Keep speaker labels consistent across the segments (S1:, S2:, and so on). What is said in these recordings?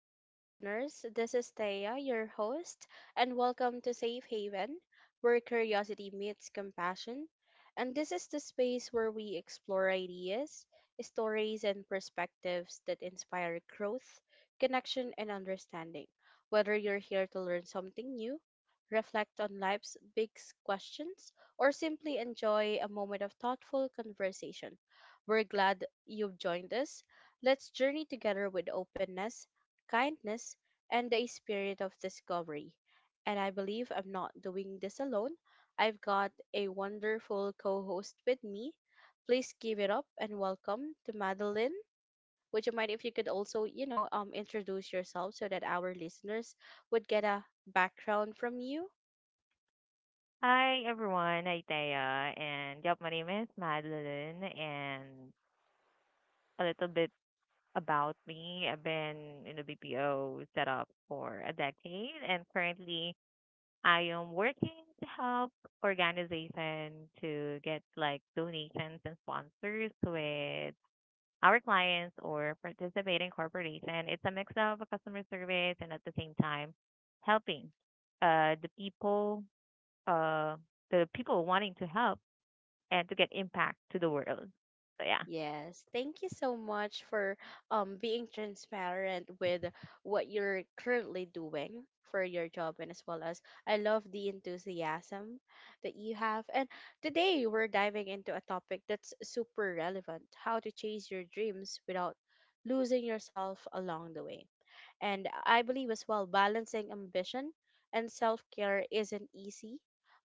S1: hi listeners. This is Thea, your host, and welcome to Safe Haven, where curiosity meets compassion. And this is the space where we explore ideas, stories, and perspectives that inspire growth, connection, and understanding. Whether you're here to learn something new, reflect on life's big questions, or simply enjoy a moment of thoughtful conversation, we're glad you've joined us. Let's journey together with openness, kindness, and a spirit of discovery. And I believe I'm not doing this alone. I've got a wonderful co host with me. Please give it up and welcome to Madeline. Would you mind if you could also, introduce yourself so that our listeners would get a background from you?
S2: Hi everyone, hi Taya, and yep, my name is Madeline, and a little bit about me. I've been in the BPO setup for a decade, and currently I am working to help organizations to get like donations and sponsors with our clients or participating corporation. It's a mix of a customer service and at the same time helping uh the people uh the people wanting to help and to get impact to the world. So yeah,
S1: Yes, thank you so much for being transparent with what you're currently doing for your job, and as well as I love the enthusiasm that you have. And today we're diving into a topic that's super relevant, how to chase your dreams without losing yourself along the way. And I believe as well, balancing ambition and self care isn't easy,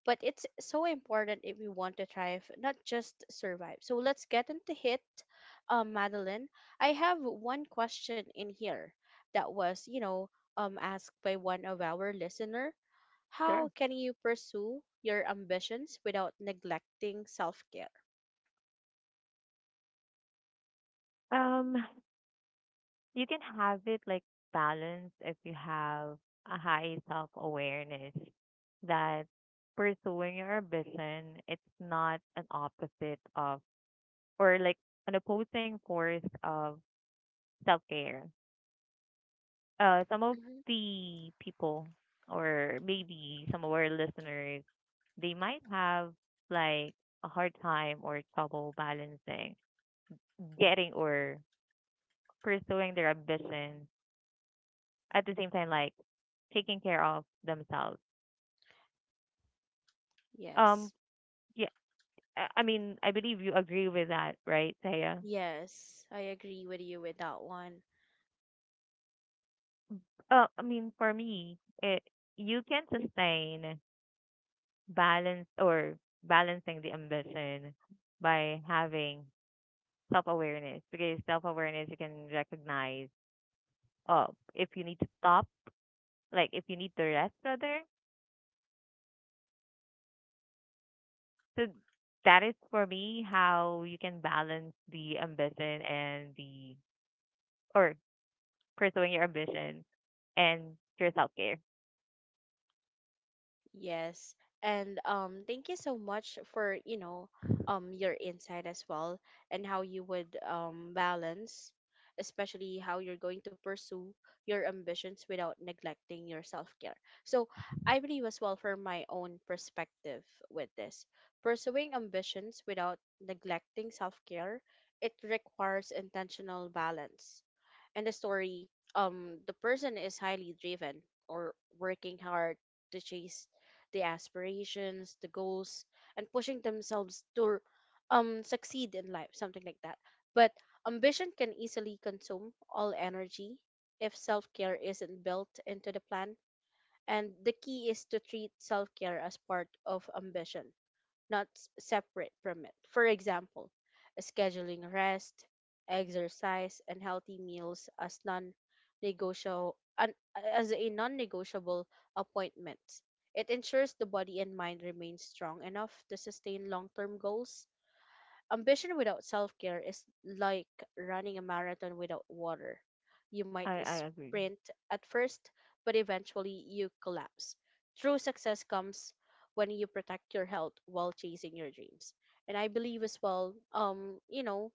S1: but it's so important if we want to thrive, not just survive. So let's get into hit, Madeline. I have one question in here that was, asked by one of our listener.
S2: sure.
S1: How can you pursue your ambitions without neglecting self care?
S2: Um, you can have it like balanced if you have a high self awareness that pursuing your ambition it's not an opposite of or like an opposing force of self care. Some of
S1: Hmm.
S2: the people or maybe some of our listeners they might have like a hard time or trouble balancing getting or pursuing their ambitions at the same time like taking care of themselves, um
S1: Yes.
S2: yeah, I mean I believe you agree with that, right, Taya?
S1: Yes, I agree with you with that one.
S2: I mean, for me, it you can sustain balance or balancing the ambition by having self awareness because self awareness you can recognize, oh, if you need to stop, like if you need to rest rather. So that is for me how you can balance the ambition and the or pursuing your ambition and your self care.
S1: Yes. And thank you so much for, your insight as well, and how you would balance, especially how you're going to pursue your ambitions without neglecting your self-care. So, I believe as well, for my own perspective with this, pursuing ambitions without neglecting self-care, it requires intentional balance. In the story, the person is highly driven or working hard to chase the aspirations, the goals, and pushing themselves to succeed in life, something like that. But ambition can easily consume all energy if self-care isn't built into the plan. And the key is to treat self-care as part of ambition, not separate from it. For example, scheduling rest, exercise, and healthy meals as a non-negotiable appointment. It ensures the body and mind remain strong enough to sustain long-term goals. Ambition without self care is like running a marathon without water. You might
S2: I agree.
S1: sprint at first, but eventually you collapse. True success comes when you protect your health while chasing your dreams. And I believe as well,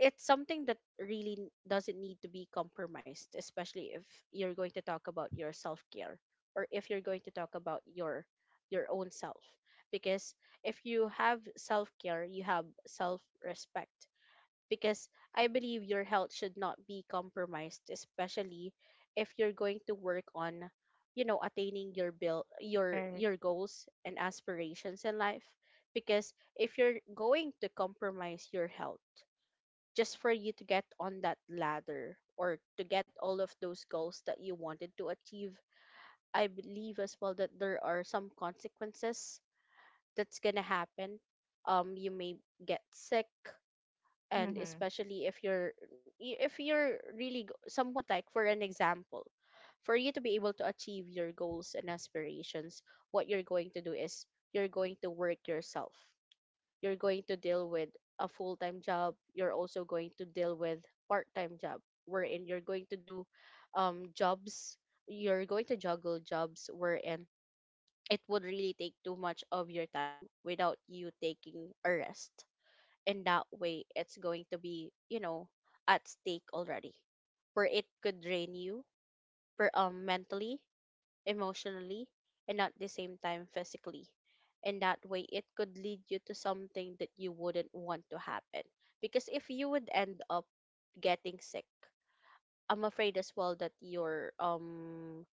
S1: it's something that really doesn't need to be compromised, especially if you're going to talk about your self care, or if you're going to talk about your own self. Because if you have self care, you have self respect. Because I believe your health should not be compromised, especially if you're going to work on, attaining your bill
S2: Right.
S1: your goals and aspirations in life. Because if you're going to compromise your health just for you to get on that ladder, or to get all of those goals that you wanted to achieve. I believe as well that there are some consequences that's gonna happen. You may get sick, and
S2: Mhm.
S1: especially if you're somewhat like, for an example, for you to be able to achieve your goals and aspirations, what you're going to do is, you're going to work yourself, you're going to deal with a full-time job, you're also going to deal with part-time job, wherein you're going to do jobs, you're going to juggle jobs, wherein it would really take too much of your time without you taking a rest, and that way it's going to be, at stake already, where it could drain you, per mentally, emotionally, and at the same time physically. And that way, it could lead you to something that you wouldn't want to happen. Because if you would end up getting sick, I'm afraid as well that your,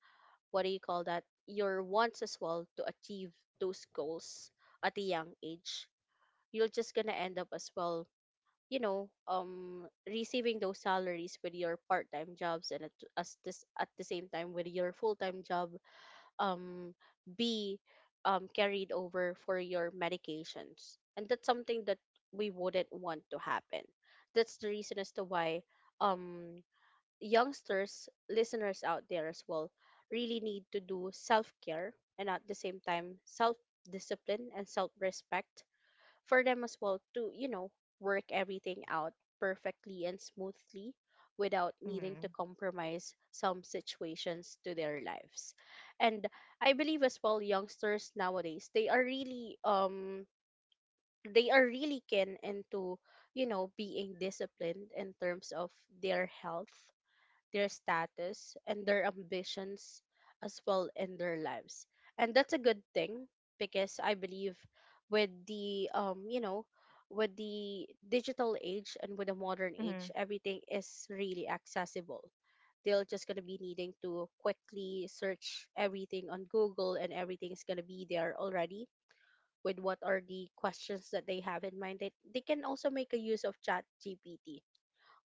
S1: what do you call that? Your wants as well to achieve those goals at a young age, you're just gonna end up as well, receiving those salaries with your part-time jobs, and at the same time with your full-time job, um be carried over for your medications, and that's something that we wouldn't want to happen. That's the reason as to why um youngsters listeners out there as well really need to do self-care, and at the same time self-discipline and self-respect, for them as well to, work everything out perfectly and smoothly without needing to
S2: Mhm.
S1: compromise some situations to their lives. And I believe as well, youngsters nowadays, they are really keen into, being disciplined in terms of their health, their status, and their ambitions as well in their lives. And that's a good thing, because I believe with the um you know with the digital age and with the modern
S2: Mhm.
S1: age, everything is really accessible. They're just going to be needing to quickly search everything on Google, and everything's going to be there already. With what are the questions that they have in mind, they can also make a use of Chat GPT.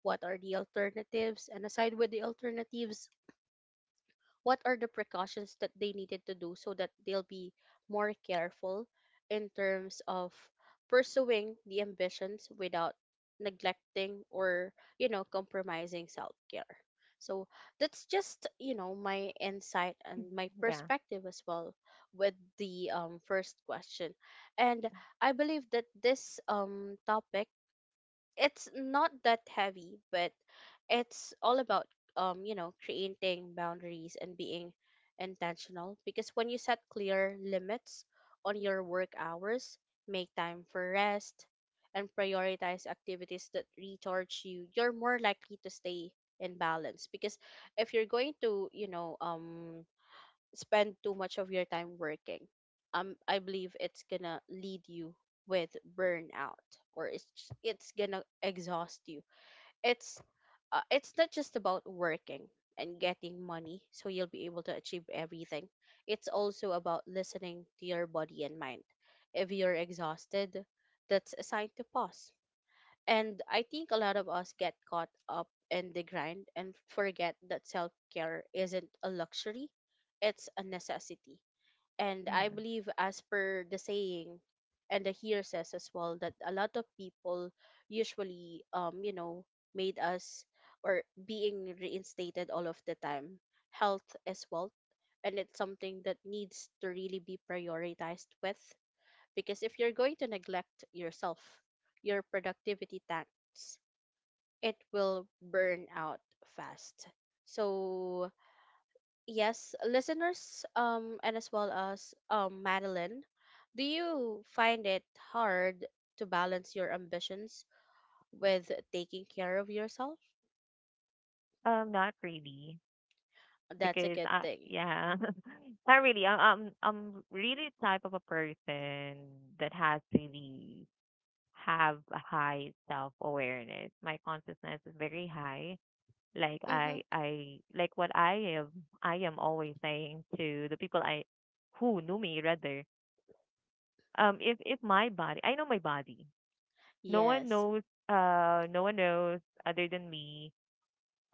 S1: What are the alternatives? And aside with the alternatives, what are the precautions that they needed to do, so that they'll be more careful in terms of pursuing the ambitions without neglecting, or compromising self-care. So that's just, my insight and my
S2: Yeah.
S1: perspective as well with the first question. And I believe that this topic, it's not that heavy, but it's all about creating boundaries and being intentional, because when you set clear limits on your work hours, make time for rest, and prioritize activities that recharge you, you're more likely to stay in balance. Because if you're going to, spend too much of your time working, I believe it's gonna lead you with burnout, or it's gonna exhaust you. It's it's not just about working and getting money, so you'll be able to achieve everything. It's also about listening to your body and mind. If you're exhausted, that's a sign to pause. And I think a lot of us get caught up in the grind and forget that self care isn't a luxury, it's a necessity. And I
S2: Mhm.
S1: believe, as per the saying, and the here says as well, that a lot of people usually, made us, or being reinstated all of the time. Health is wealth, and it's something that needs to really be prioritized with, because if you're going to neglect yourself, your productivity tanks. It will burn out fast. So, yes, listeners, and as well as Madeline, do you find it hard to balance your ambitions with taking care of yourself?
S2: Not really,
S1: That's a
S2: because
S1: good
S2: I,
S1: thing.
S2: yeah, not really. I'm really the type of a person that has really have a high self awareness. My consciousness is very high, like
S1: Mm-hmm.
S2: I like what I am, I am always saying to the people I who knew me rather, if my body, I know my body, no one
S1: Yes.
S2: knows, no one knows other than me,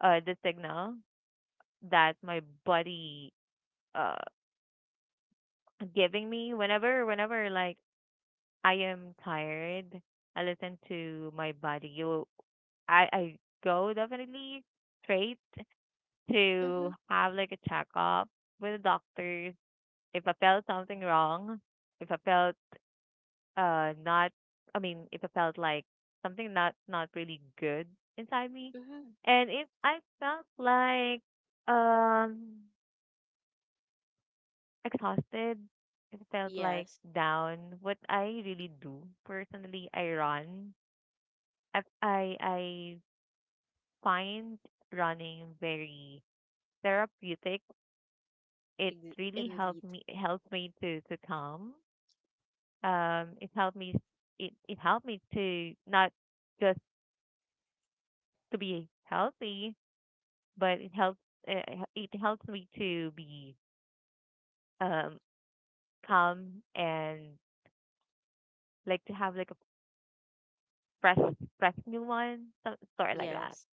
S2: the signal that my body uh giving me whenever like I am tired, I listen to my body, you I go definitely straight to
S1: Mm-hmm.
S2: have like a checkup with the doctor if I felt something wrong, if I felt not, I mean, if I felt like something not not really good inside me.
S1: Mm-hmm.
S2: And if I felt like um exhausted, if I felt like
S1: Yes.
S2: down, what I really do personally, I run. I find running very therapeutic. It really
S1: Indeed.
S2: helped me helps me to calm, it helped me, it helped me to not just to be healthy, but uh, it helps me to be um calm and like to have like a fresh fresh new one, some sort like that.
S1: Yes.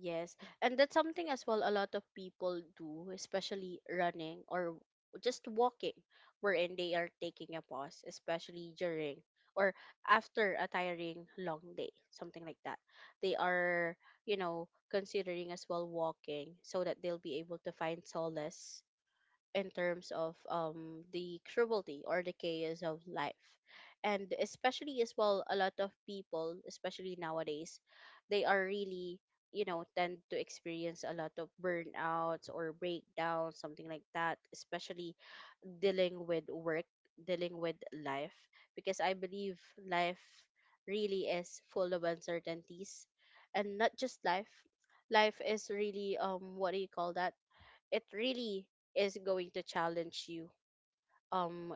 S1: Yes, and that's something as well a lot of people do, especially running or just walking, wherein they are taking a pause, especially during or after a tiring long day, something like that. They are, considering as well walking so that they'll be able to find solace in terms of the cruelty or the chaos of life. And especially as well a lot of people, especially nowadays, they are really tend to experience a lot of burnouts or breakdowns, something like that, especially dealing with work, dealing with life. Because I believe life really is full of uncertainties. And not just life is really what do you call that, it really is going to challenge you. Um,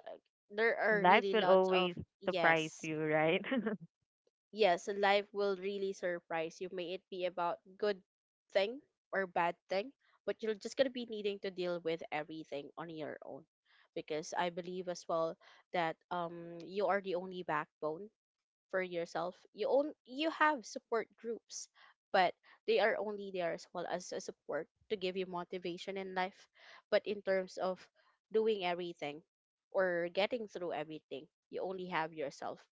S1: there are
S2: Life
S1: really
S2: will
S1: lots of.
S2: always surprise
S1: Yes,
S2: you, right?
S1: yes, life will really surprise you. May it be about good thing or bad thing, but you're just gonna be needing to deal with everything on your own. Because I believe as well that you are the only backbone for yourself. You have support groups, but they are only there as well as a support to give you motivation in life. But in terms of doing everything or getting through everything, you only have yourself.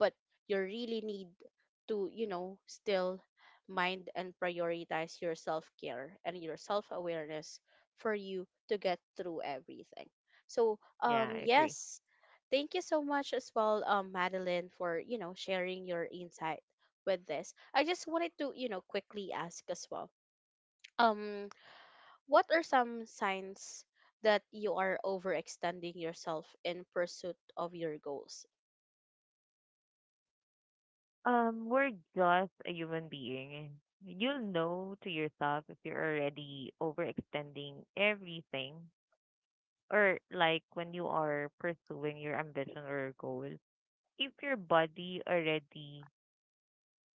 S1: But you really need to, still mind and prioritize your self care and your self awareness for you to get through everything. So,
S2: Yeah, I agree.
S1: yes. Thank you so much as well, Madeline, for sharing your insight with this. I just wanted to quickly ask as well. Um, what are some signs that you are overextending yourself in pursuit of your goals?
S2: We're just a human being, you'll know to yourself if you're already overextending everything, or like when you are pursuing your ambition or goal, if your body already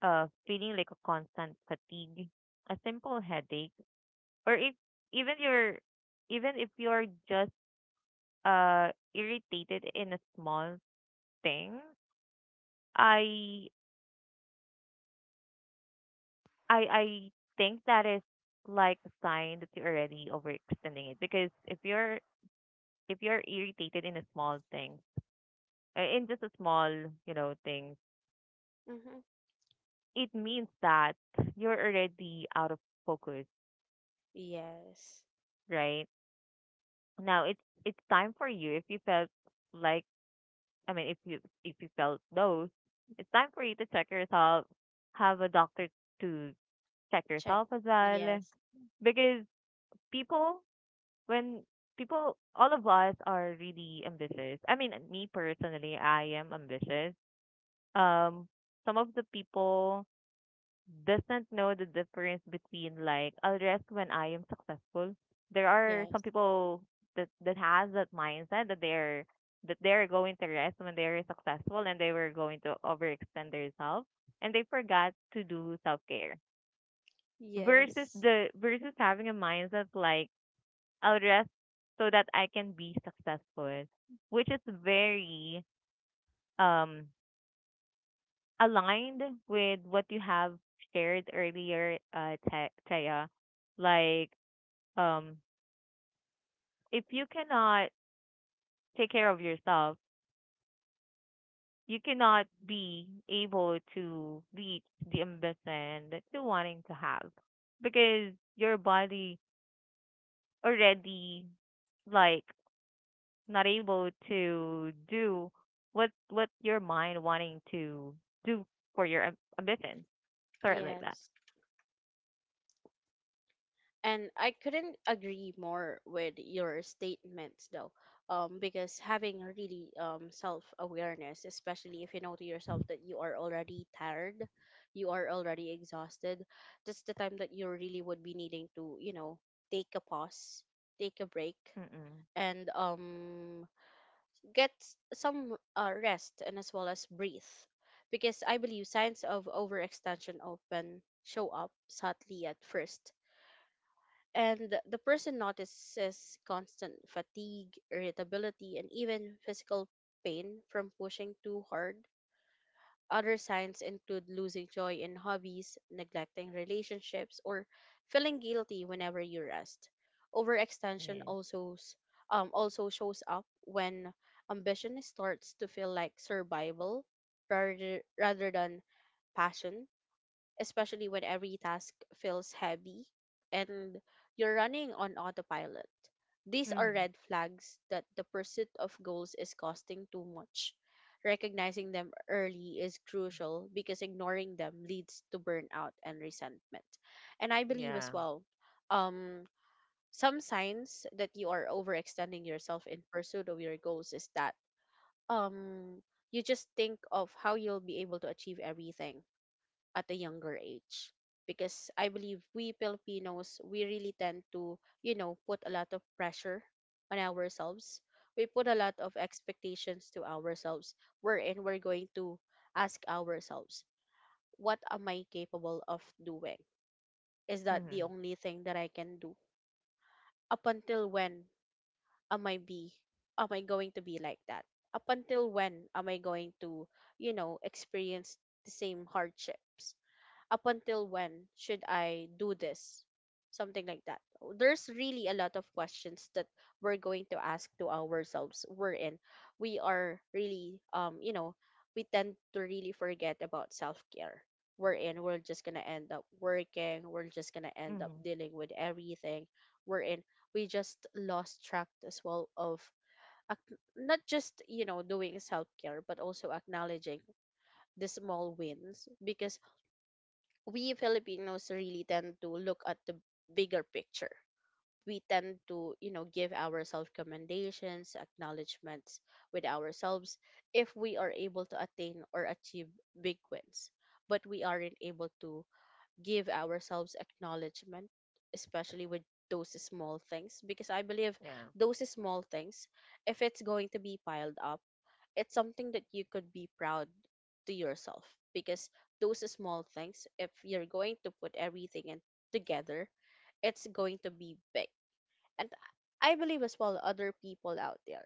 S2: feeling like a constant fatigue, a simple headache, or if even you're, even if you're just uh irritated in a small thing, I I think that is like a sign that you're already overextending it, because if you're, if you're irritated in a small thing, in just a small, you know, thing,
S1: Mm-hmm.
S2: it means that you're already out of focus,
S1: Yes.
S2: right? Now it's time for you if you felt like, I mean if you, if you felt those, it's time for you to check yourself, have a doctor to check
S1: Check.
S2: yourself as well.
S1: Yes.
S2: Because people when people, all of us are really ambitious. I mean me personally, I am ambitious. Um some of the people doesn't know the difference between like I'll rest when I am successful. There are some
S1: Yes.
S2: people that has that mindset that they're, that they're going to rest when they are successful and they were going to overextend themselves and they forgot to do self care.
S1: Yes.
S2: Versus having a mindset like I'll rest so that I can be successful, which is very um aligned with what you have shared earlier, Taya. Like, um, if you cannot take care of yourself, you cannot be able to reach the ambition that you're wanting to have because your body already like not able to do what your mind wanting to do for your ambition. Sort of like that.
S1: Yes. And I couldn't agree more with your statements, though, because having really self awareness, especially if you know to yourself that you are already tired, you are already exhausted, that's the time that you really would be needing to, take a pause, take a break,
S2: Mm-mm.
S1: and get some rest and as well as breathe. Because I believe signs of overextension often show up subtly at first and the person notices constant fatigue, irritability, and even physical pain from pushing too hard. Other signs include losing joy in hobbies, neglecting relationships, or feeling guilty whenever you rest. Overextension
S2: Yeah.
S1: also shows up when ambition starts to feel like survival rather than passion, especially when every task feels heavy and you're running on autopilot. These are
S2: Mm-hmm.
S1: red flags that the pursuit of goals is costing too much. Recognizing them early is crucial because ignoring them leads to burnout and resentment. And I believe as
S2: Yeah.
S1: well, um, some signs that you are overextending yourself in pursuit of your goals is that, um, you just think of how you'll be able to achieve everything at a younger age, because I believe we Filipinos, we really tend to, put a lot of pressure on ourselves. We put a lot of expectations to ourselves, wherein we're going to ask ourselves, what am I capable of doing? Is that the
S2: Mhm.
S1: only thing that I can do? Up until when am i be, am I going to be like that? Up until when am I going to, experience the same hardships? Up until when should I do this? Something like that. There's really a lot of questions that we're going to ask to ourselves. We're in. We are really, we tend to really forget about self care. We're in. We're just gonna end up working. We're just gonna end up
S2: Mhm.
S1: dealing with everything. We're in. We just lost track as well of, not just, doing self care, but also acknowledging the small wins, because we Filipinos really tend to look at the bigger picture. We tend to, give ourselves commendations, acknowledgments with ourselves if we are able to attain or achieve big wins. But we aren't able to give ourselves acknowledgement, especially with those small things, because I believe
S2: Yeah.
S1: those small things, if it's going to be piled up, it's something that you could be proud to yourself, because those small things, if you're going to put everything in together, it's going to be big. And I believe as well, other people out there,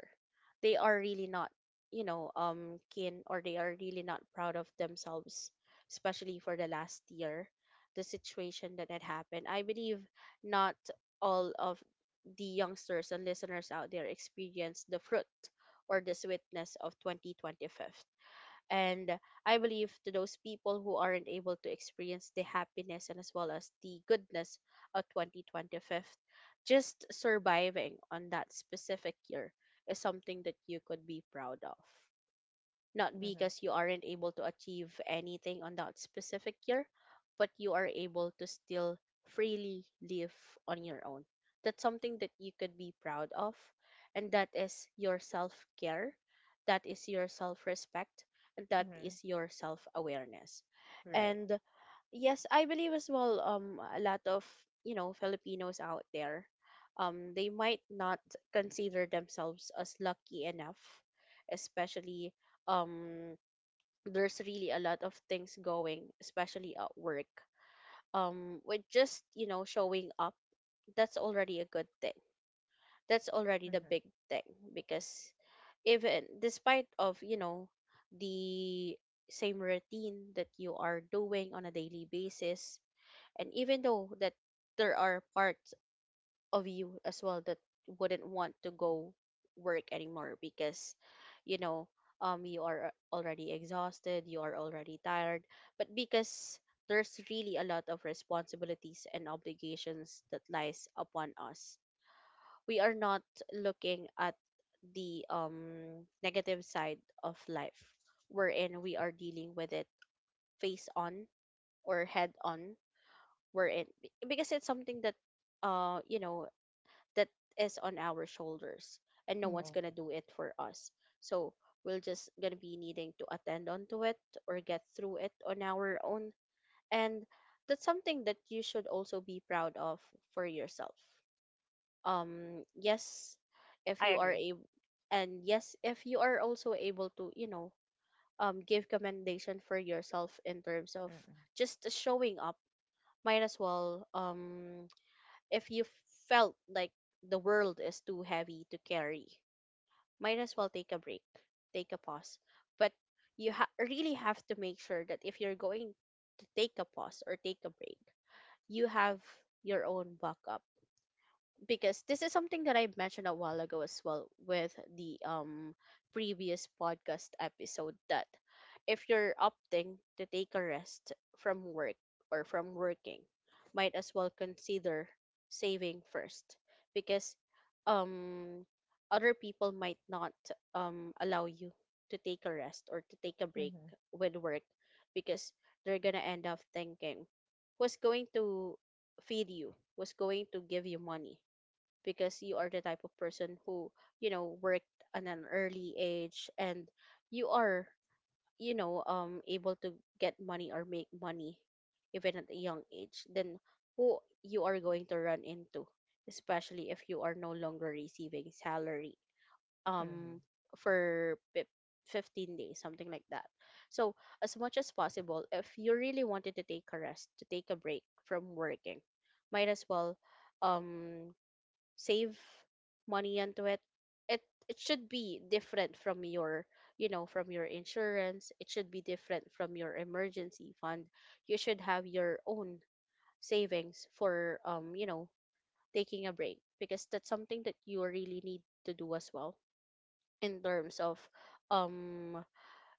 S1: they are really not, keen, or they are really not proud of themselves, especially for the last year. The situation that had happened, I believe not all of the youngsters and listeners out there experienced the fruit or the sweetness of 2025. And I believe to those people who aren't able to experience the happiness and as well as the goodness of 2025, just surviving on that specific year is something that you could be proud of, not
S2: Mhm.
S1: because you aren't able to achieve anything on that specific year, but you are able to still freely live on your own. That's something that you could be proud of, and that is your self care, that is your self respect, and that
S2: Mhm.
S1: is your self awareness.
S2: Right.
S1: And yes, I believe as well, a lot of, you know, Filipinos out there, they might not consider themselves as lucky enough, especially, um there's really a lot of things going, especially at work, with just, showing up, that's already a good thing, that's already the
S2: Mhm.
S1: big thing, because even despite of, the same routine that you are doing on a daily basis, and even though that there are parts of you as well that wouldn't want to go work anymore because, you know you are already exhausted, you are already tired. But because there's really a lot of responsibilities and obligations that lies upon us, we are not looking at the, negative side of life, wherein we are dealing with it face on or head on, wherein because it's something that, uh you know that is on our shoulders, and no one's
S2: Mhm.
S1: gonna do it for us. So we're just gonna be needing to attend onto it or get through it on our own, and that's something that you should also be proud of for yourself. Yes, if
S2: I
S1: you are
S2: agree.
S1: able, and yes, if you are also able to, give commendation for yourself in terms of
S2: Mhm.
S1: just showing up. Might as well, if you felt like the world is too heavy to carry, might as well take a break, take a pause. But really have to make sure that if you're going to take a pause or take a break, you have your own backup, because this is something that I mentioned a while ago as well with the, previous podcast episode, that if you're opting to take a rest from work or from working, might as well consider saving first, because, um other people might not, allow you to take a rest or to take a break
S2: Mhm.
S1: with work, because they're gonna end up thinking, who's going to feed you, who's going to give you money, because you are the type of person who, worked at an early age, and you are, able to get money or make money even at a young age. Then who you are going to run into, especially if you are no longer receiving salary,
S2: Mhm.
S1: um for fif- 15 days, something like that. So as much as possible, if you really wanted to take a rest, to take a break from working, might as well, um save money into it. it it should be different from your, you know, from your insurance. It should be different from your emergency fund. You should have your own savings for, you know, taking a break, because that's something that you really need to do as well in terms of, um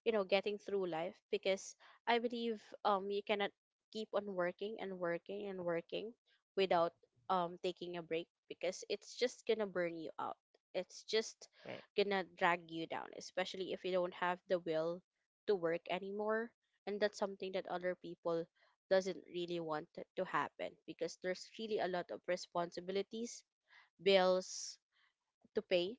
S1: you know, getting through life, because, I believe you cannot keep on working and working and working without, taking a break, because it's just gonna burn you out, it's just
S2: Right.
S1: gonna drag you down, especially if you don't have the will to work anymore. And that's something that other people doesn't really want it to happen, because there's really a lot of responsibilities, bills to pay,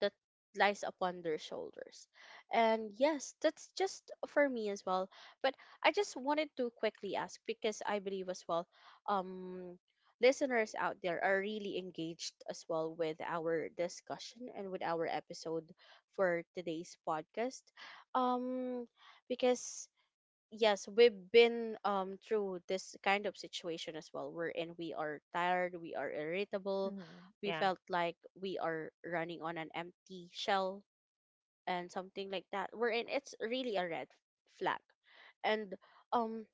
S1: that lies upon their shoulders. And yes, that's just for me as well. But I just wanted to quickly ask because I believe as well, um, listeners out there are really engaged as well with our discussion and with our episode for today's podcast. Um, because yes, we've been, through this kind of situation as well, wherein we are tired, we are irritable,
S2: Mhm.
S1: we
S2: Yeah.
S1: felt like we are running on an empty shell and something like that, wherein it's really a red flag. And, um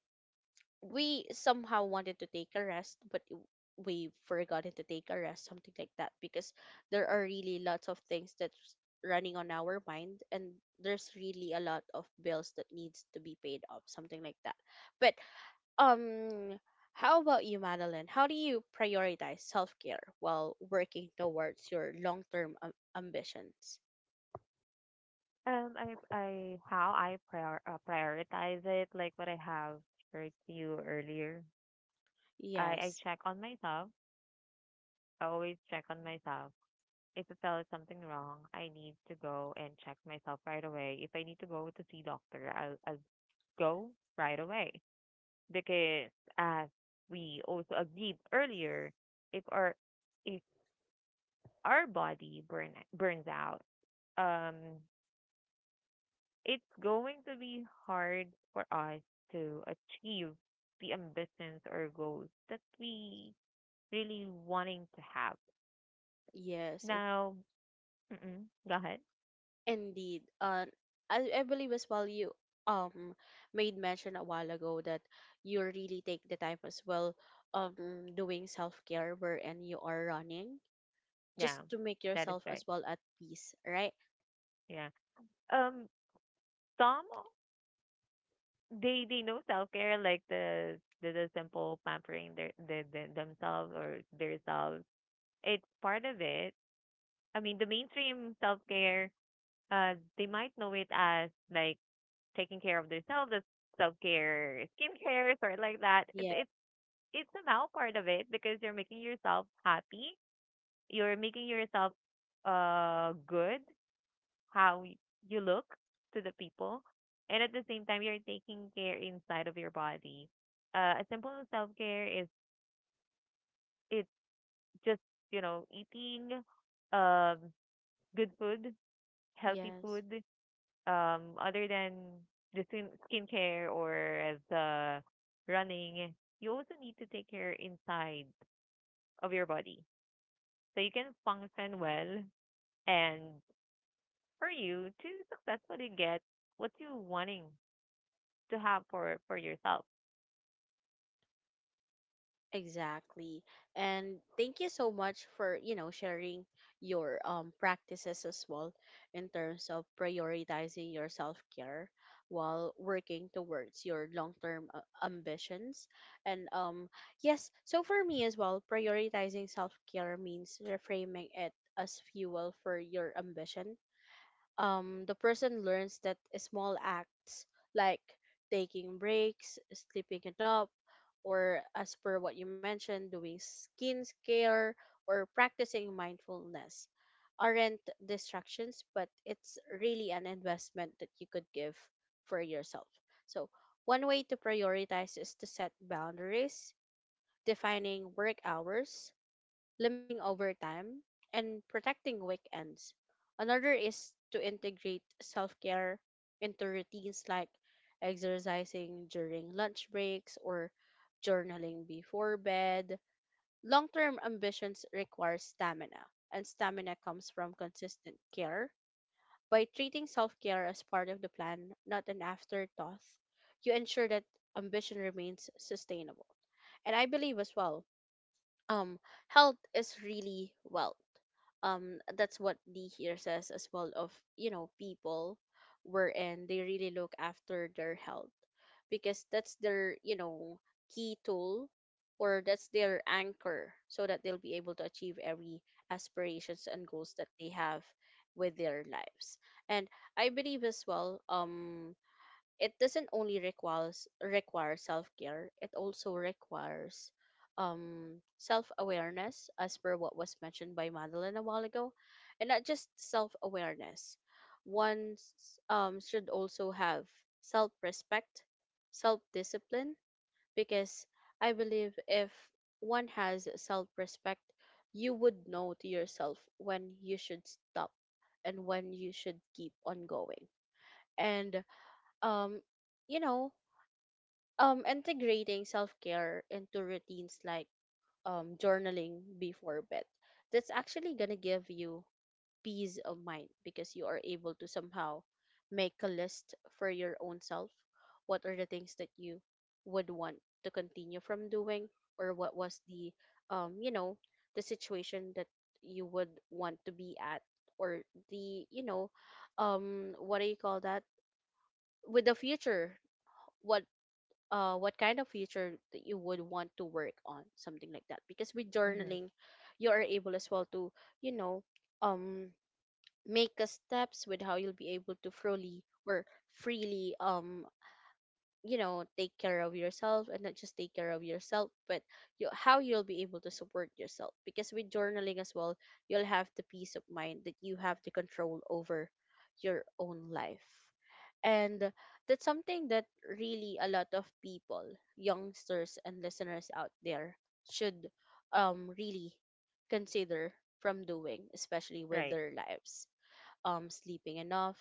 S1: we somehow wanted to take a rest, but we forgotten to take a rest, something like that, because there are really lots of things that's running on our mind, and there's really a lot of bills that needs to be paid off, something like that. But, um, how about you, Madeline? How do you prioritize self care while working towards your long term ambitions?
S2: I. I. How I prioritize it, like what I have shared to you earlier. I
S1: Yes,
S2: check on myself. I always check on myself. If I felt something wrong, I need to go and check myself right away. If I need to go to see doctor, I'll go right away. Because as we also agreed earlier, if if our body burns out, um, it's going to be hard for us to achieve the ambitions or goals that we really wanting to have.
S1: yes.
S2: Now, mm-mm, go ahead.
S1: Indeed. I believe as well you, um made mention a while ago that you really take the time as well, um doing self care wherein you are running just
S2: Yeah,
S1: to make
S2: that is
S1: yourself
S2: right.
S1: as well at peace, right?
S2: Yeah. Um, some they know self care like the simple pampering their themselves or their selves, it's part of it. I mean, the mainstream self care, they might know it as like taking care of themselves, as self care, skincare, sort like that.
S1: Yeah.
S2: It's somehow part of it because you're making yourself happy. You're making yourself good how you look to the people, and at the same time you're taking care inside of your body. A simple self care is it's just, you know, eating um good food, healthy
S1: Yes.
S2: food, other than the skincare or as the running, you also need to take care inside of your body so you can function well and for you to successfully get what you wanting to have for yourself.
S1: Exactly. And thank you so much for, you know, sharing your, practices as well in terms of prioritizing your self-care while working towards your long-term, ambitions. And, yes, so for me as well, prioritizing self-care means reframing it as fuel for your ambition. The person learns that small acts like taking breaks, sleeping enough, or as per what you mentioned, doing skin care or practicing mindfulness aren't distractions, but it's really an investment that you could give for yourself. So, one way to prioritize is to set boundaries, defining work hours, limiting overtime, and protecting weekends. Another is to integrate self care into routines like exercising during lunch breaks or journaling before bed. Long term ambitions require stamina, and stamina comes from consistent care. By treating self care as part of the plan, not an afterthought, you ensure that ambition remains sustainable. And I believe as well um health is really wealth. That's what the here says as well of people wherein they really look after their health because that's their key tool, or that's their anchor so that they'll be able to achieve every aspirations and goals that they have with their lives. And I believe as well, it doesn't only require self-care, it also requires self-awareness as per what was mentioned by Madeline a while ago. And not just self-awareness, one should also have self-respect, self-discipline, because I believe if one has self-respect, you would know to yourself when you should stop and when you should keep on going. And um you know integrating self-care into routines like journaling before bed, that's actually going to give you peace of mind because you are able to somehow make a list for your own self, what are the things that you would want to continue from doing, or what was the um you know the situation that you would want to be at, or the what do you call that, with the future, what, what kind of future that you would want to work on, something like that. Because with
S2: Mm-hmm.
S1: journaling, you are able as well to, you know, um, make a steps with how you'll be able to freely or freely take care of yourself, and not just take care of yourself but you, how you'll be able to support yourself, because with journaling as well, you'll have the peace of mind that you have the control over your own life. And that's something that really a lot of people, youngsters and listeners out there should really consider from doing, especially with
S2: Right,
S1: their lives. Sleeping enough.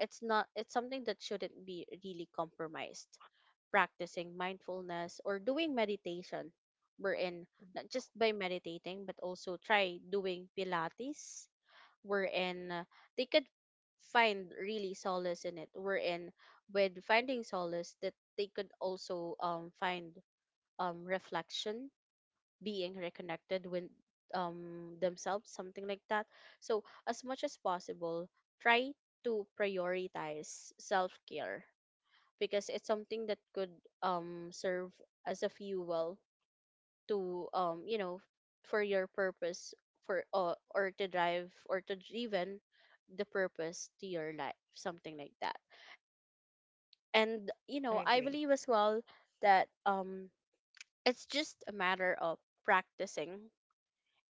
S1: It's not, it's something that shouldn't be really compromised. Practicing mindfulness or doing meditation, wherein not just by meditating but also try doing pilates, wherein they could find really solace in it, wherein with finding solace, that they could also find reflection, being reconnected with themselves, something like that. So as much as possible, try to prioritize self-care because it's something that could serve as a fuel to for your purpose, for or to drive or to driven the purpose to your life, something like that. And
S2: I
S1: I
S2: agree.
S1: believe as well that it's just a matter of practicing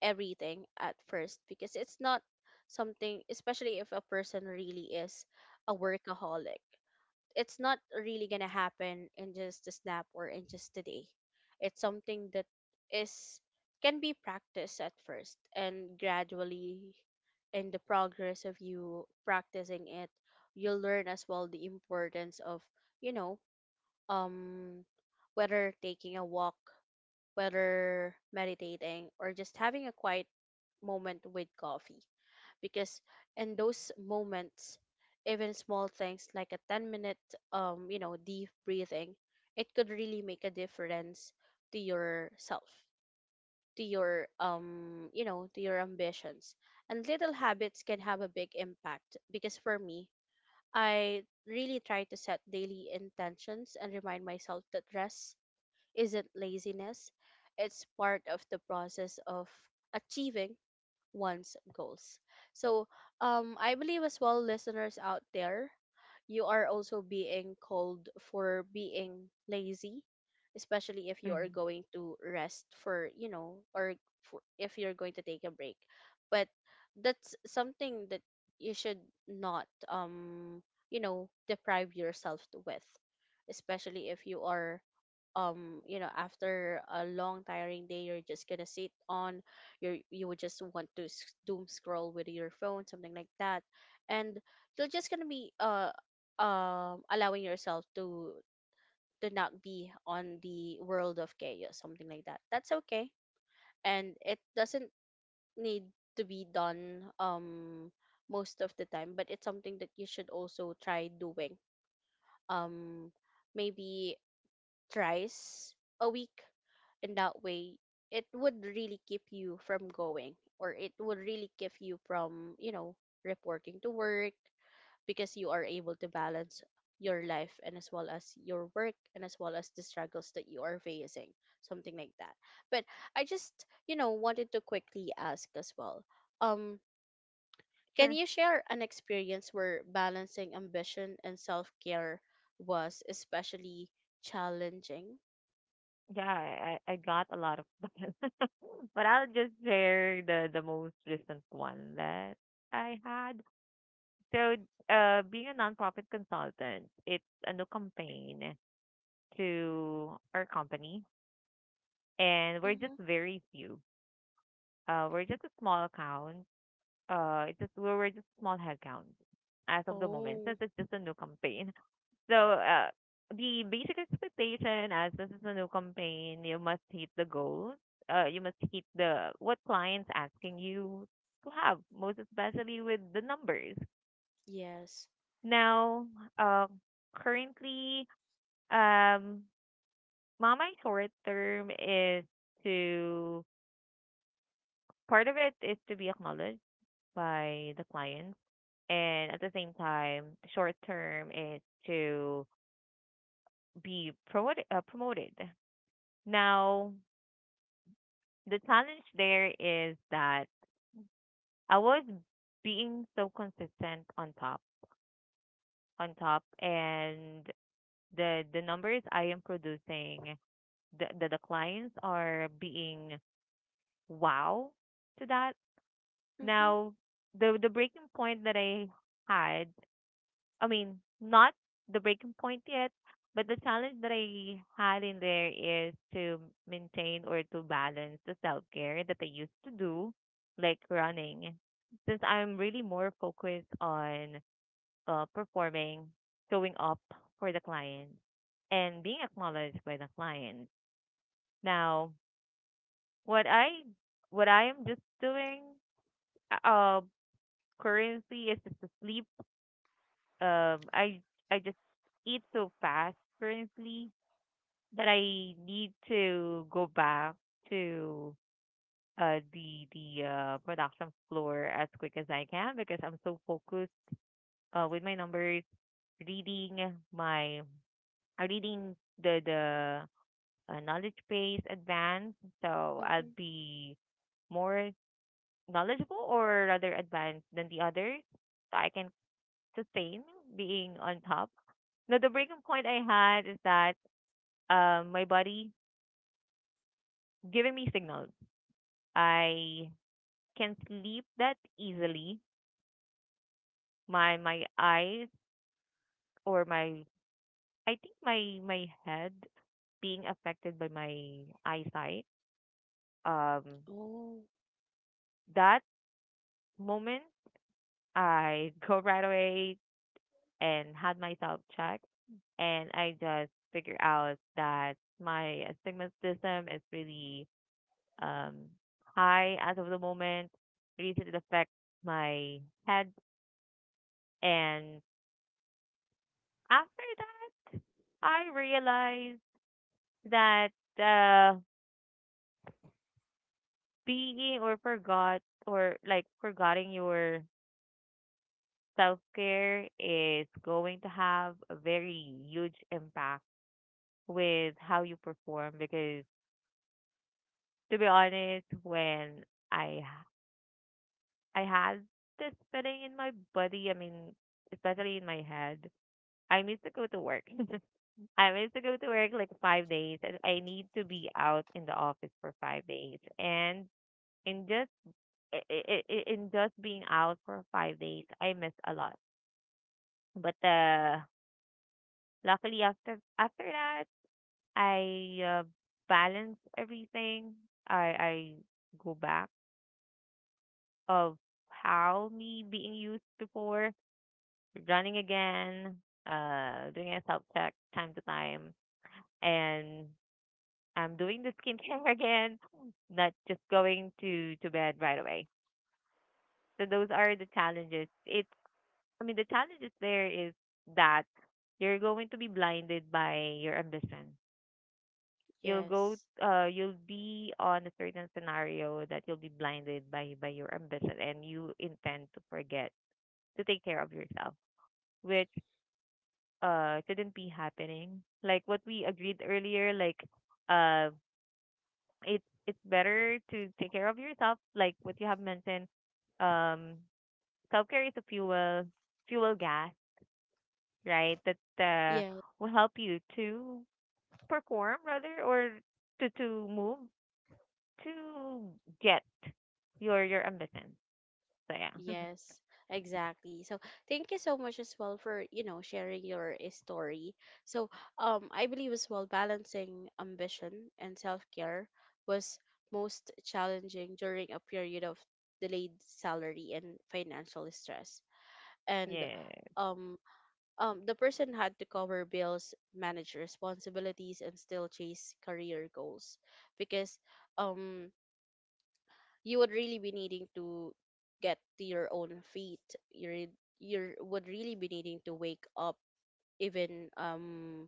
S1: everything at first because it's not something, especially if a person really is a workaholic. It's not really gonna happen in just a snap or in just a day. It's something that is can be practiced at first and gradually, in the progress of you practicing it, you'll learn as well the importance of, you know, um whether taking a walk, whether meditating, or just having a quiet moment with coffee. Because in those moments, even small things like a 10 minute, deep breathing, it could really make a difference to yourself, to your, to your ambitions. And little habits can have a big impact, because for me, I really try to set daily intentions and remind myself that rest isn't laziness, it's part of the process of achieving one's goals. So, I believe as well, listeners out there, you are also being called for being lazy, especially if you are
S2: Mm-hmm.
S1: going to rest for, or for, if you're going to take a break. But that's something that you should not, deprive yourself to with, especially if you are after a long tiring day, you're just gonna sit on, you would just want to doom scroll with your phone, something like that. And you're just gonna be allowing yourself to not be on the world of chaos, something like that. That's okay, and it doesn't need to be done most of the time, but it's something that you should also try doing um maybe thrice a week. In that way, it would really keep you from going, or it would really keep you from reporting to work because you are able to balance your life and as well as your work, and as well as the struggles that you are facing, something like that. But I just, wanted to quickly ask as well, um can
S2: Sure.
S1: you share an experience where balancing ambition and self-care was especially challenging?
S2: Yeah, I got a lot of, but I'll just share the most recent one that I had. So, being a nonprofit consultant, it's a new campaign to our company, and we're just
S1: Mm-hmm.
S2: very few. We're just a small account. It's just we're just small headcount as of the moment
S1: Oh,
S2: since it's just a new campaign. So, the basic expectation as this is a new campaign, you must hit the goals. You must hit the what clients asking you to have, most especially with the numbers.
S1: yes.
S2: Now, uh, currently Um, mama my short term is to, part of it is to be acknowledged by the clients, and at the same time, short term is to be promoted. Promoted. Now, the challenge there is that I was being so consistent on top, and the numbers I am producing, the clients are being wow to that.
S1: Mm-hmm,
S2: Now, the breaking point that I had, I mean, not the breaking point yet, but the challenge that I had in there is to maintain or to balance the self care that I used to do, like running, since I'm really more focused on performing, showing up for the client, and being acknowledged by the client. Now, what I what I am just doing uh currently is just to sleep, um I I just eat so fast currently that I need to go back to the production floor as quick as I can because I'm so focused with my numbers, reading my reading the knowledge base advanced, so I'll
S1: mm-hmm.
S2: be more knowledgeable or rather advanced than the others. So I can sustain being on top. Now, the breaking point I had is that my body giving me signals. I can sleep that easily. My eyes or my, I think my my head being affected by my eyesight. Um,
S1: Oh,
S2: that moment I go right away and had myself checked, and I just figure out that my astigmatism is really, Um, I, as of the moment, recently affect my head. And after that, I realized that, uh, being or forgot or like forgetting your self care is going to have a very huge impact with how you perform, because to be honest, when I I had this feeling in my body, I mean, especially in my head, I used to go to work. I used to go to work like 5 days, and I need to be out in the office for 5 days. And in just in just being out for 5 days, I miss a lot. But luckily after that, I, balance everything. I Go back of how me being used before, running again, doing a self check time to time, and I'm doing the skincare again, not just going to bed right away. So those are the challenges. It's, I mean the challenges there is that you're going to be blinded by your ambition. You'll go
S1: yes.
S2: you'll be on a certain scenario that you'll be blinded by your ambition, and you intend to forget to take care of yourself, which shouldn't be happening. Like what we agreed earlier, like uh. it's better to take care of yourself, like what you have mentioned. Um, Self care is a fuel, fuel gas, right? That
S1: Yes,
S2: will help you to perform rather or to move to get your ambition. So yeah,
S1: yes, exactly. So thank you so much as well for, sharing your eh, story. So, I believe as well balancing ambition and self-care was most challenging during a period of delayed salary and financial stress. And
S2: yeah,
S1: um the person had to cover bills, manage responsibilities, and still chase career goals, because um you would really be needing to get to your own feet. You would really be needing to wake up, even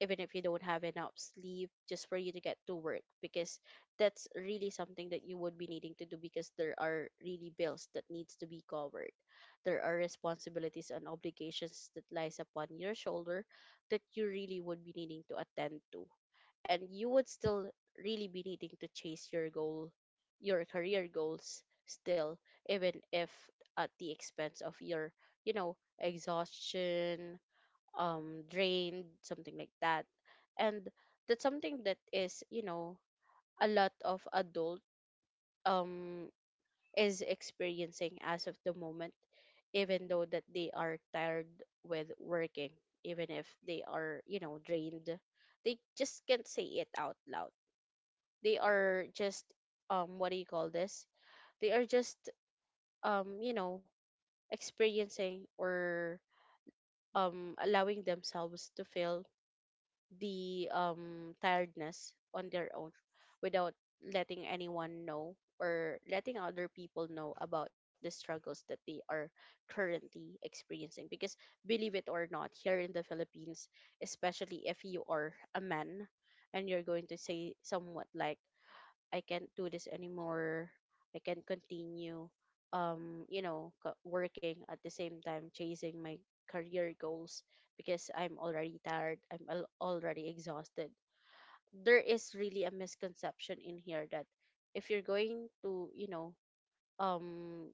S1: even if you don't have enough sleep, just for you to get to work, because that's really something that you would be needing to do, because there are really bills that needs to be covered. There are responsibilities and obligations that lies upon your shoulder that you really would be needing to attend to. And you would still really be needing to chase your goal, your career goals still, even if at the expense of your, you know, exhaustion, drained, something like that. And that's something that is, a lot of adult um is experiencing as of the moment, even though that they are tired with working, even if they are, drained, they just can't say it out loud. They are just what do you call this, they are just um you know experiencing or allowing themselves to feel the tiredness on their own, without letting anyone know or letting other people know about the struggles that they are currently experiencing. Because, believe it or not, here in the Philippines, especially if you are a man and you're going to say somewhat like, I can't do this anymore, I can't continue, working at the same time chasing my career goals because I'm already tired, I'm already exhausted. There is really a misconception in here that if you're going to, um,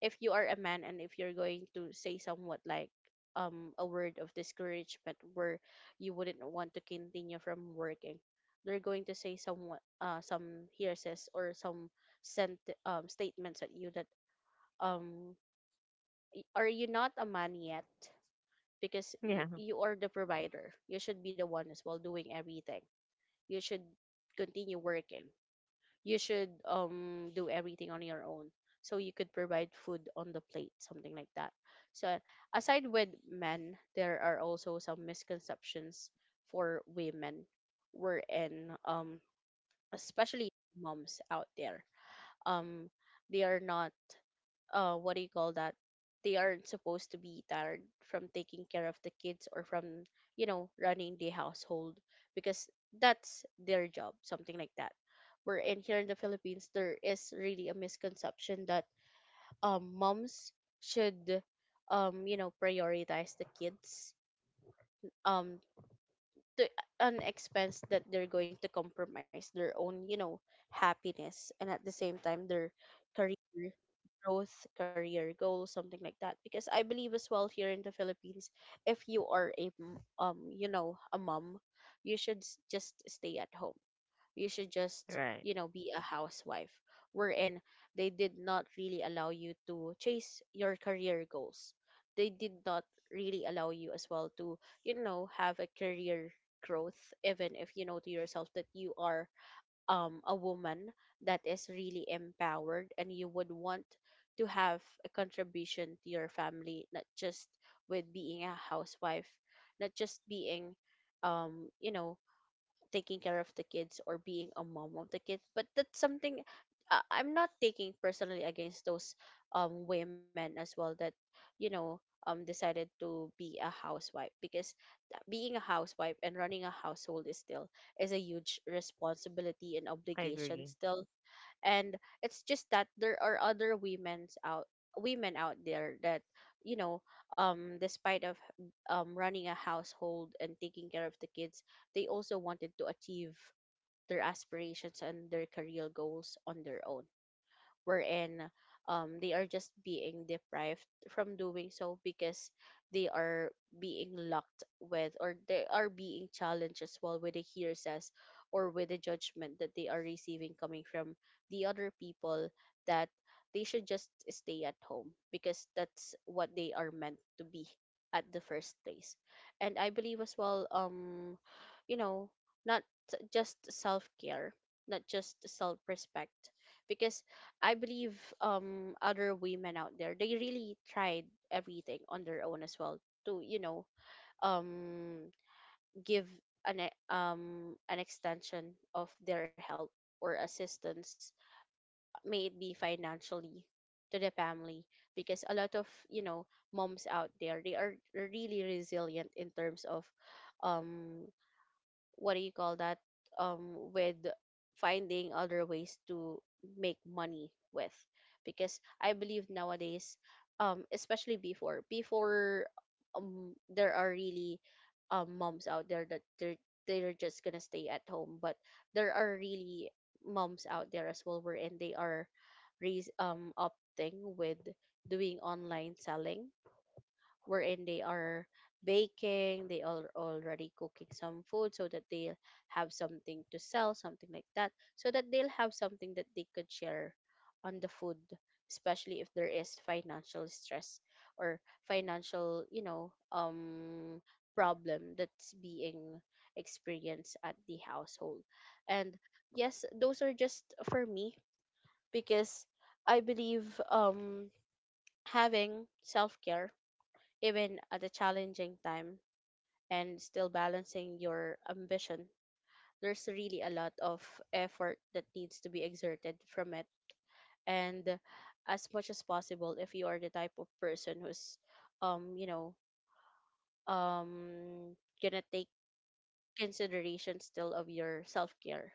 S1: if you are a man and if you're going to say somewhat like a word of discouragement where you wouldn't want to continue from working, they're going to say somewhat some hearsays or some sent statements at you, that um are you not a man yet? Because you,
S2: yeah,
S1: you are the provider, you should be the one as well doing everything, you should continue working, you should do everything on your own, so you could provide food on the plate, something like that. So aside with men, there are also some misconceptions for women, wherein especially moms out there, um they are not what do you call that, they aren't supposed to be tired from taking care of the kids, or from running the household, because that's their job, something like that. Where in here in the Philippines, there is really a misconception that moms should prioritize the kids um to an expense that they're going to compromise their own, happiness, and at the same time their career growth, career goals, something like that. Because I believe as well here in the Philippines, if you are a a mom, you should just stay at home, you should just,
S2: right.
S1: be a housewife. Wherein they did not really allow you to chase your career goals, they did not really allow you as well to, have a career growth, even if you know to yourself that you are a woman that is really empowered, and you would want to have a contribution to your family, not just with being a housewife, not just being um you know taking care of the kids or being a mom of the kids. But that's something, I'm not taking personally against those women as well that you know decided to be a housewife, because being a housewife and running a household is still is a huge responsibility and
S2: I
S1: obligation
S2: agree.
S1: still. And it's just that there are other women out there that you know despite of running a household and taking care of the kids, they also wanted to achieve their aspirations and their career goals on their own, wherein they are just being deprived from doing so, because they are being locked with, or they are being challenged as well with the hearsays or with the judgment that they are receiving coming from the other people, that they should just stay at home because that's what they are meant to be at the first place. And I believe as well, you know not just self care, not just self respect, because I believe other women out there, they really tried everything on their own as well to um give an an extension of their help or assistance, may it be financially, to the family. Because a lot of, moms out there, they are really resilient in terms of um what do you call that, with finding other ways to make money with. Because I believe Nowadays, especially before, there are really moms out there that they're just gonna stay at home, but there are really moms out there as well wherein they are opting with doing online selling, wherein they are baking, they are already cooking some food so that they have something to sell, something like that, so that they'll have something that they could share on the food, especially if there is financial stress or financial problem that's being experienced at the household. And yes, those are just for me, because I believe, um having self-care even at a challenging time and still balancing your ambition, there's really a lot of effort that needs to be exerted from it. And as much as possible, if you are the type of person who's, um, you know, um, gonna take consideration still of your self care,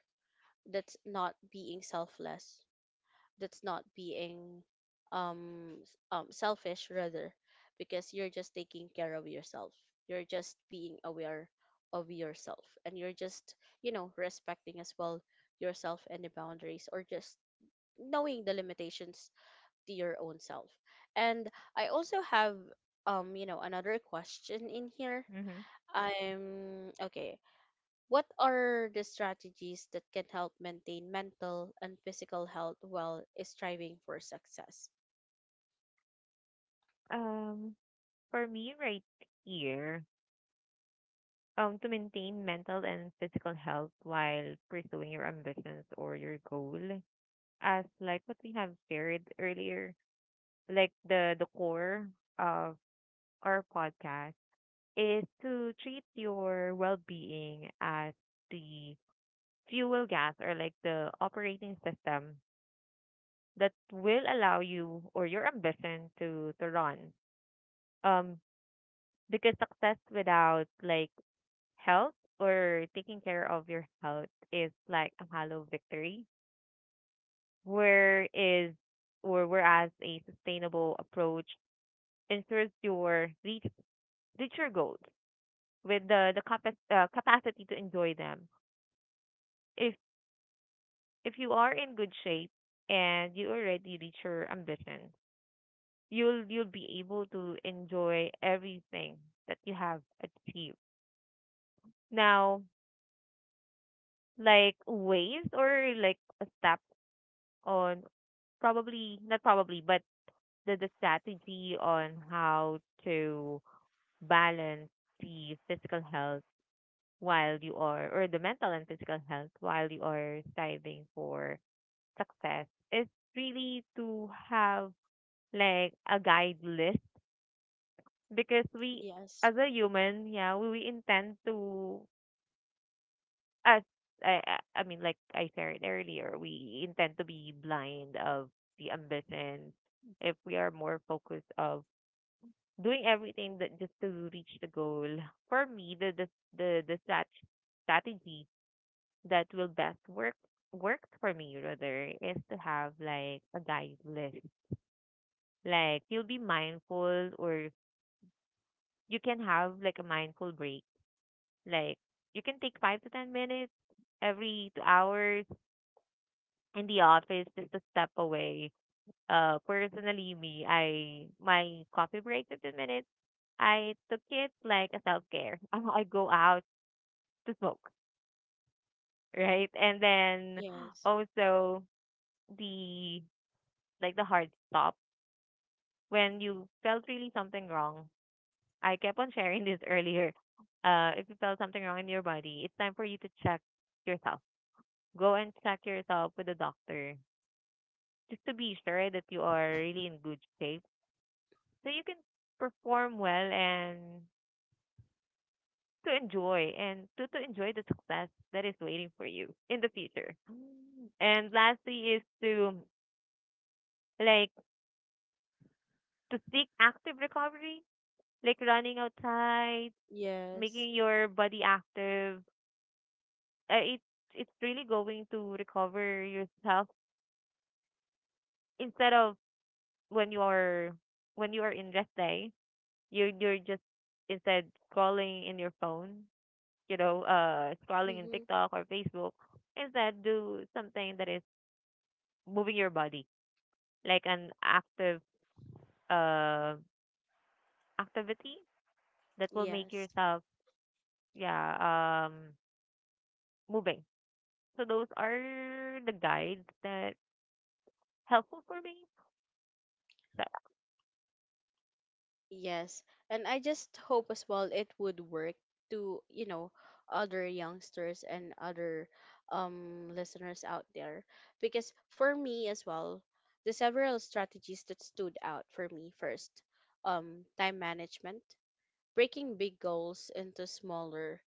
S1: that's not being selfless, that's not being selfish rather, because you're just taking care of yourself, you're just being aware of yourself, and you're just, you know, respecting as well yourself and the boundaries, or just knowing the limitations to your own self. And I also have, you know, another question in here.
S2: Hmm.
S1: I'm okay. What are the strategies that can help maintain mental and physical health while striving for success?
S2: Um, for me right here, to maintain mental and physical health while pursuing your ambitions or your goal, as like what we have shared earlier, like the core of our podcast is to treat your well-being as the fuel gas or like the operating system that will allow you or your ambition to run. Um, because success without like health or taking care of your health is like a hollow victory. Where is or whereas a sustainable approach ensures your reach your goals with the capacity to enjoy them. If if you are in good shape and you already reach your ambition, you'll be able to enjoy everything that you have achieved. Now, like ways or like a step on probably not probably, but the strategy on how to balance the physical health while you are, or the mental and physical health while you are striving for success is really to have like a guide list because we,
S1: Yes,
S2: as a human, yeah, we intend to, as I mean, like I shared earlier, we intend to be blind of the ambition if we are more focused of doing everything that just to reach the goal. For me, the strategy that will best worked for me rather is to have like a guide list. Like you'll be mindful or you can have like a mindful break. Like you can take five to ten minutes every two hours in the office just to step away. Personally me, I my coffee break to ten minutes, I took it like a self care. I go out to smoke. Right. And then
S1: yes,
S2: also the like the hard stop when you felt really something wrong. I kept on sharing this earlier. If you felt something wrong in your body, it's time for you to check yourself. Go and check yourself with a doctor just to be sure that you are really in good shape so you can perform well and to enjoy and to enjoy the success that is waiting for you in the future. And lastly is to like to seek active recovery, like running outside,
S1: yes.
S2: making your body active, uh, it's it's really going to recover yourself instead of when you are when you are in rest day you're just instead scrolling in your phone, you know, scrolling in
S1: Mm-hmm.
S2: TikTok or Facebook, instead do something that is moving your body like an active uh activity that will make
S1: Yes.
S2: yourself yeah moving. So those are the guides that helpful for me. That-
S1: Yes, and I just hope as well it would work to, you know, other youngsters and other listeners out there, because for me as well, the several strategies that stood out for me first, time management, breaking big goals into smaller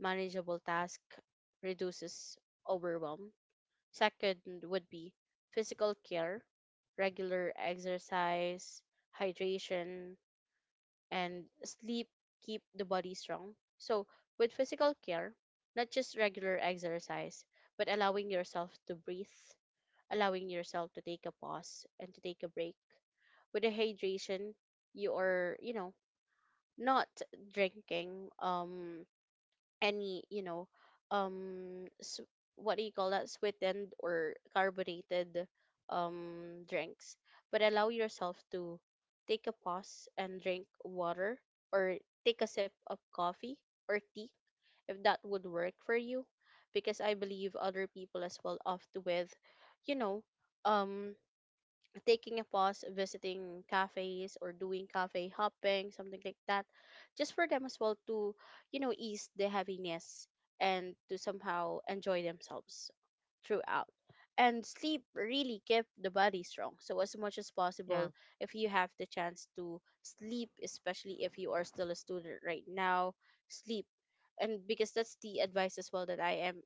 S1: manageable tasks reduces overwhelm. Second would be physical care: regular exercise, hydration, and sleep keep the body strong. So, with physical care, not just regular exercise, but allowing yourself to breathe, allowing yourself to take a pause and to take a break. With the hydration, you are, you know, not drinking any, you know, s what do you call that, sweetened or carbonated drinks, but allow yourself to take a pause and drink water, or take a sip of coffee or tea if that would work for you, because I believe other people as well oft with, you know um taking a pause, visiting cafes or doing cafe hopping, something like that, just for them as well to, you know, ease the heaviness and to somehow enjoy themselves throughout. And sleep really kept the body strong. So as much as possible,
S2: yeah.
S1: if you have the chance to sleep, especially if you are still a student right now, sleep. And because that's the advice as well that I am,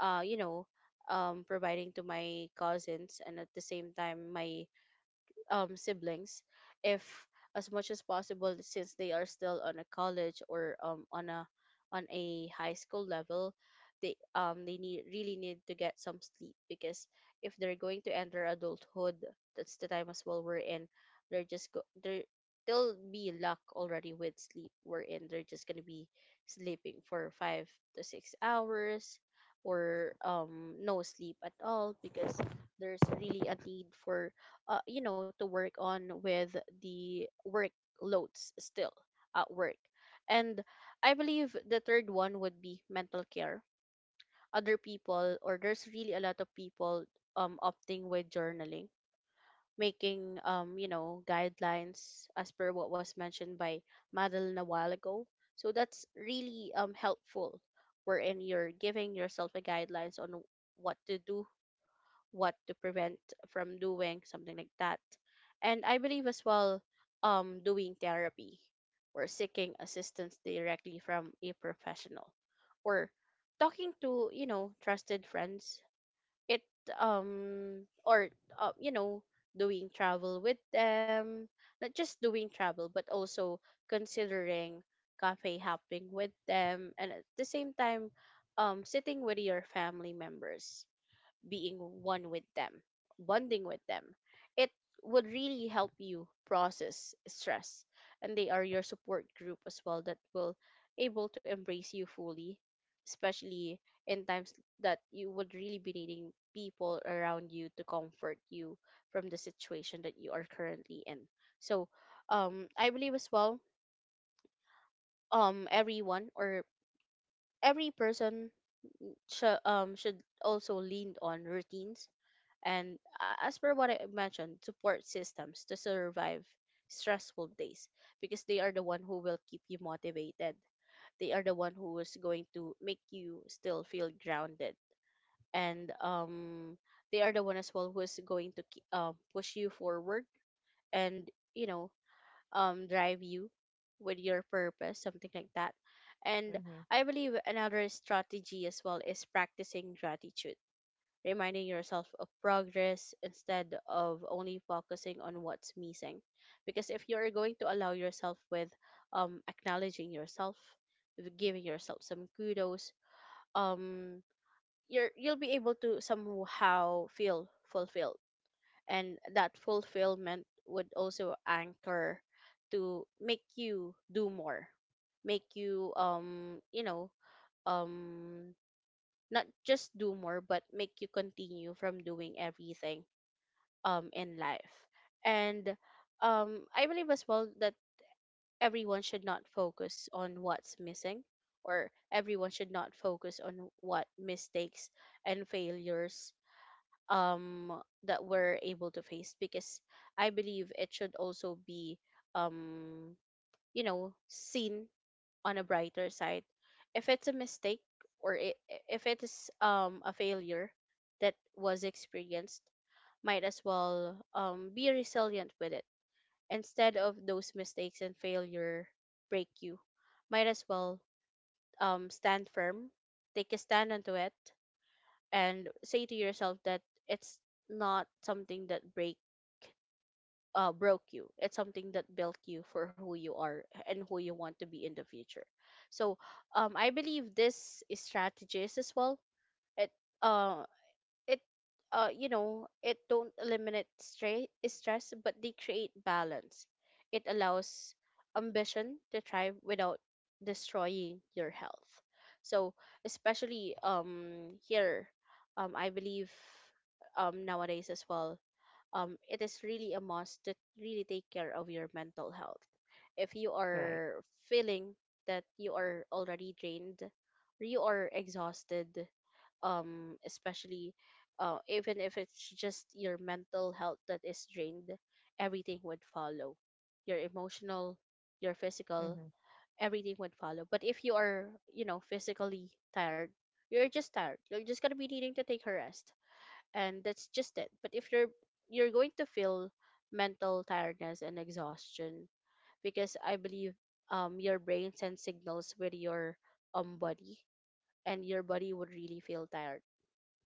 S1: uh, you know, providing to my cousins and at the same time my siblings, if as much as possible, since they are still on a college or on a high school level, they need, really need to get some sleep, because if they're going to enter adulthood, that's the time as well we're in they're just go they're they'll be luck already with sleep, wherein they're just gonna be sleeping for 5 to 6 hours or no sleep at all, because there's really a need for, you know, to work on with the workloads still at work. And I believe the third one would be mental care. Other people, or there's really a lot of people, opting with journaling, making, you know, guidelines as per what was mentioned by Madeline a while ago, so that's really helpful, wherein you're giving yourself a guidelines on what to do, what to prevent from doing, something like that. And I believe as well, doing therapy or seeking assistance directly from a professional, or talking to, you know, trusted friends, it or you know, doing travel with them, not just doing travel but also considering cafe hopping with them, and at the same time sitting with your family members, being one with them, bonding with them. It would really help you process stress, and they are your support group as well that will able to embrace you fully, especially in times that you would really be needing people around you to comfort you from the situation that you are currently in. So, I believe as well, everyone, or every person, should also lean on routines. And as per what I mentioned, support systems to survive stressful days, because they are the one who will keep you motivated. They are the one who is going to make you still feel grounded. And, they are the one as well who is going to push you forward and, you know, drive you with your purpose, something like that. And
S2: Mhm.
S1: I believe another strategy as well is practicing gratitude, reminding yourself of progress instead of only focusing on what's missing. Because if you're going to allow yourself with, acknowledging yourself, with giving yourself some kudos, um, you're, you'll be able to somehow feel fulfilled. And that fulfillment would also anchor to make you do more, make you, um, not just do more but make you continue from doing everything in life. And I believe as well that everyone should not focus on what's missing, or everyone should not focus on what mistakes and failures um that we're able to face, because I believe it should also be um you know, seen on a brighter side. If it's a mistake, or i- if it is a failure that was experienced, might as well be resilient with it. Instead of those mistakes and failure break you, might as well stand firm, take a stand onto it, and say to yourself that it's not something that break broke you. It's something that built you for who you are and who you want to be in the future. So, I believe this is strategies as well. It uh it You know, it don't eliminate stress, but they create balance. It allows ambition to thrive without destroying your health. So especially here, I believe nowadays as well, it is really a must to really take care of your mental health. If you
S2: Right.
S1: are feeling that you are already drained, you are exhausted, especially, even if it's just your mental health that is drained, everything would follow. Your emotional, your physical,
S2: Mhm.
S1: everything would follow. But if you are, you know, physically tired. You're just gonna be needing to take a rest, and that's just it. But if you're, you're going to feel mental tiredness and exhaustion, because I believe your brain sends signals with your body, and your body would really feel tired,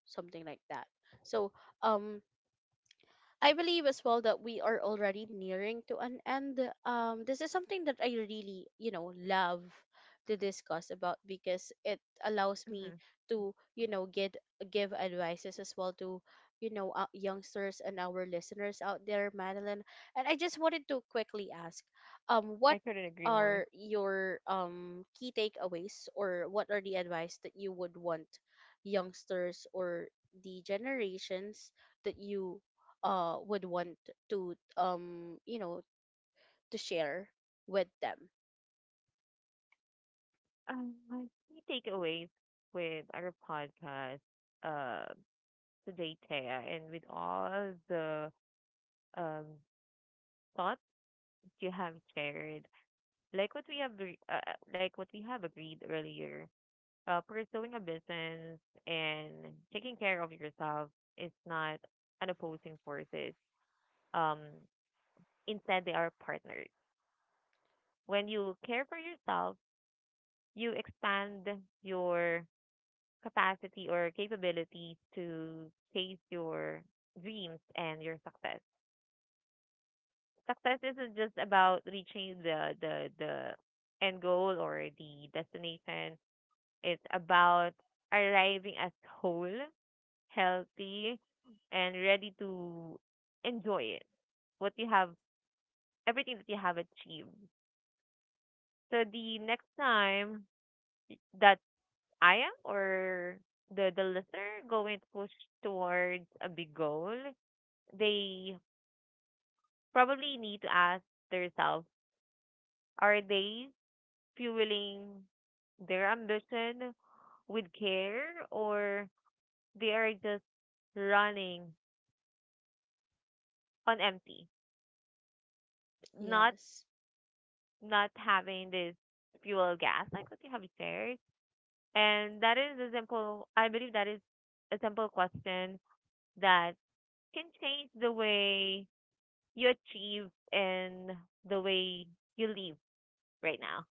S1: something like that. So, um I believe as well that we are already nearing to an end. This is something that I really, you know, love to discuss about, because it allows
S2: Hmm.
S1: me to, you know, get give advices as well to, you know, youngsters and our listeners out there, Madeline. And I just wanted to quickly ask,
S2: I
S1: what
S2: couldn't agree more.
S1: are your key takeaways, or what are the advice that you would want youngsters or the generations that you would want to, you know, to share with them?
S2: My key takeaways with our podcast uh, today, Taya, and with all the um, thoughts you have shared, like what we have, like what we have agreed earlier, pursuing a business and taking care of yourself is not an opposing forces. Um, Instead, they are partners. When you care for yourself, you expand your capacity or capability to chase your dreams and your success. Success isn't just about reaching the end goal or the destination. It's about arriving as whole, healthy, and ready to enjoy it. What you have, everything that you have achieved. So the next time that I am or the listener going to push towards a big goal, they probably need to ask themselves, are they fueling their ambition with care or they are just running on empty, not
S1: Yes.
S2: not having this fuel gas like what you have shared. And that is a simple I believe that is a simple question that can change the way you achieve and the way you live right now.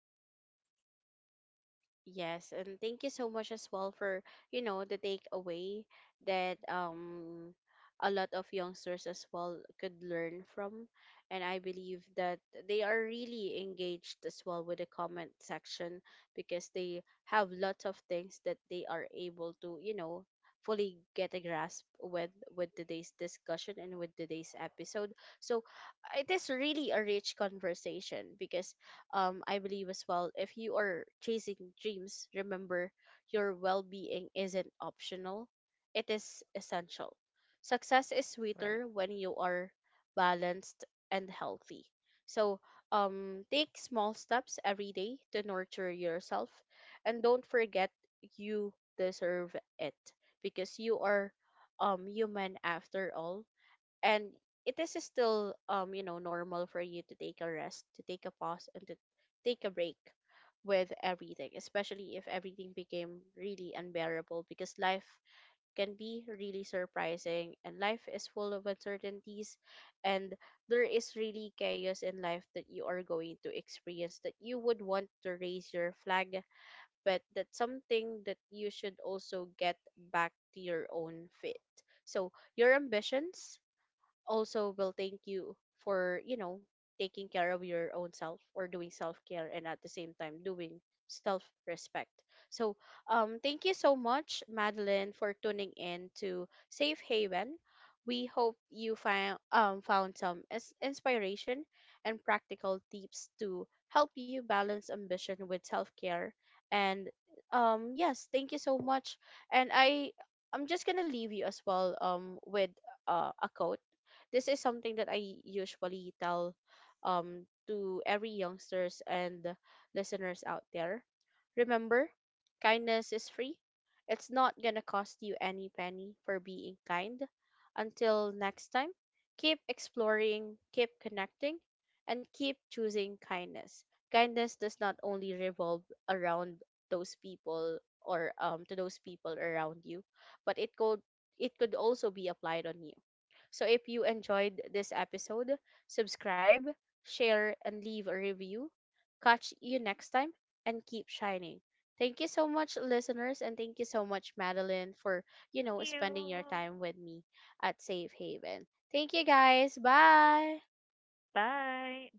S1: Yes, and thank you so much as well for, you know, the takeaway that a lot of youngsters as well could learn from. And I believe that they are really engaged as well with the comment section, because they have lots of things that they are able to, you know, fully get a grasp with today's discussion and with today's episode. So it is really a rich conversation, because, I believe as well, if you are chasing dreams, remember, your well being isn't optional, it is essential. Success is
S2: Right.
S1: sweeter when you are balanced and healthy. So, take small steps every day to nurture yourself, and don't forget, you deserve it, because you are human after all, and it is still, you know, normal for you to take a rest, to take a pause, and to take a break with everything, especially if everything became really unbearable, because life can be really surprising and life is full of uncertainties, and there is really chaos in life that you are going to experience, that you would want to raise your flag, but that's something that you should also get back to your own feet. So your ambitions also will thank you for, you know, taking care of your own self, or doing self care, and at the same time doing self respect. So, thank you so much, Madeline, for tuning in to Safe Haven. We hope you find found some inspiration and practical tips to help you balance ambition with self care. And, yes, thank you so much. And I'm just gonna leave you as well, with, a quote. This is something that I usually tell, to every youngsters and listeners out there. Remember, kindness is free. It's not gonna cost you any penny for being kind. Until next time, keep exploring, keep connecting, and keep choosing kindness. Kindness does not only revolve around those people, or to those people around you, but it could also be applied on you. So if you enjoyed this episode, subscribe, share, and leave a review. Catch you next time and keep shining. Thank you so much, listeners, and thank you so much, Madeline, for, you
S2: Thank
S1: know,
S2: you.
S1: spending your time with me at Safe Haven. Thank you guys. Bye.
S2: Bye.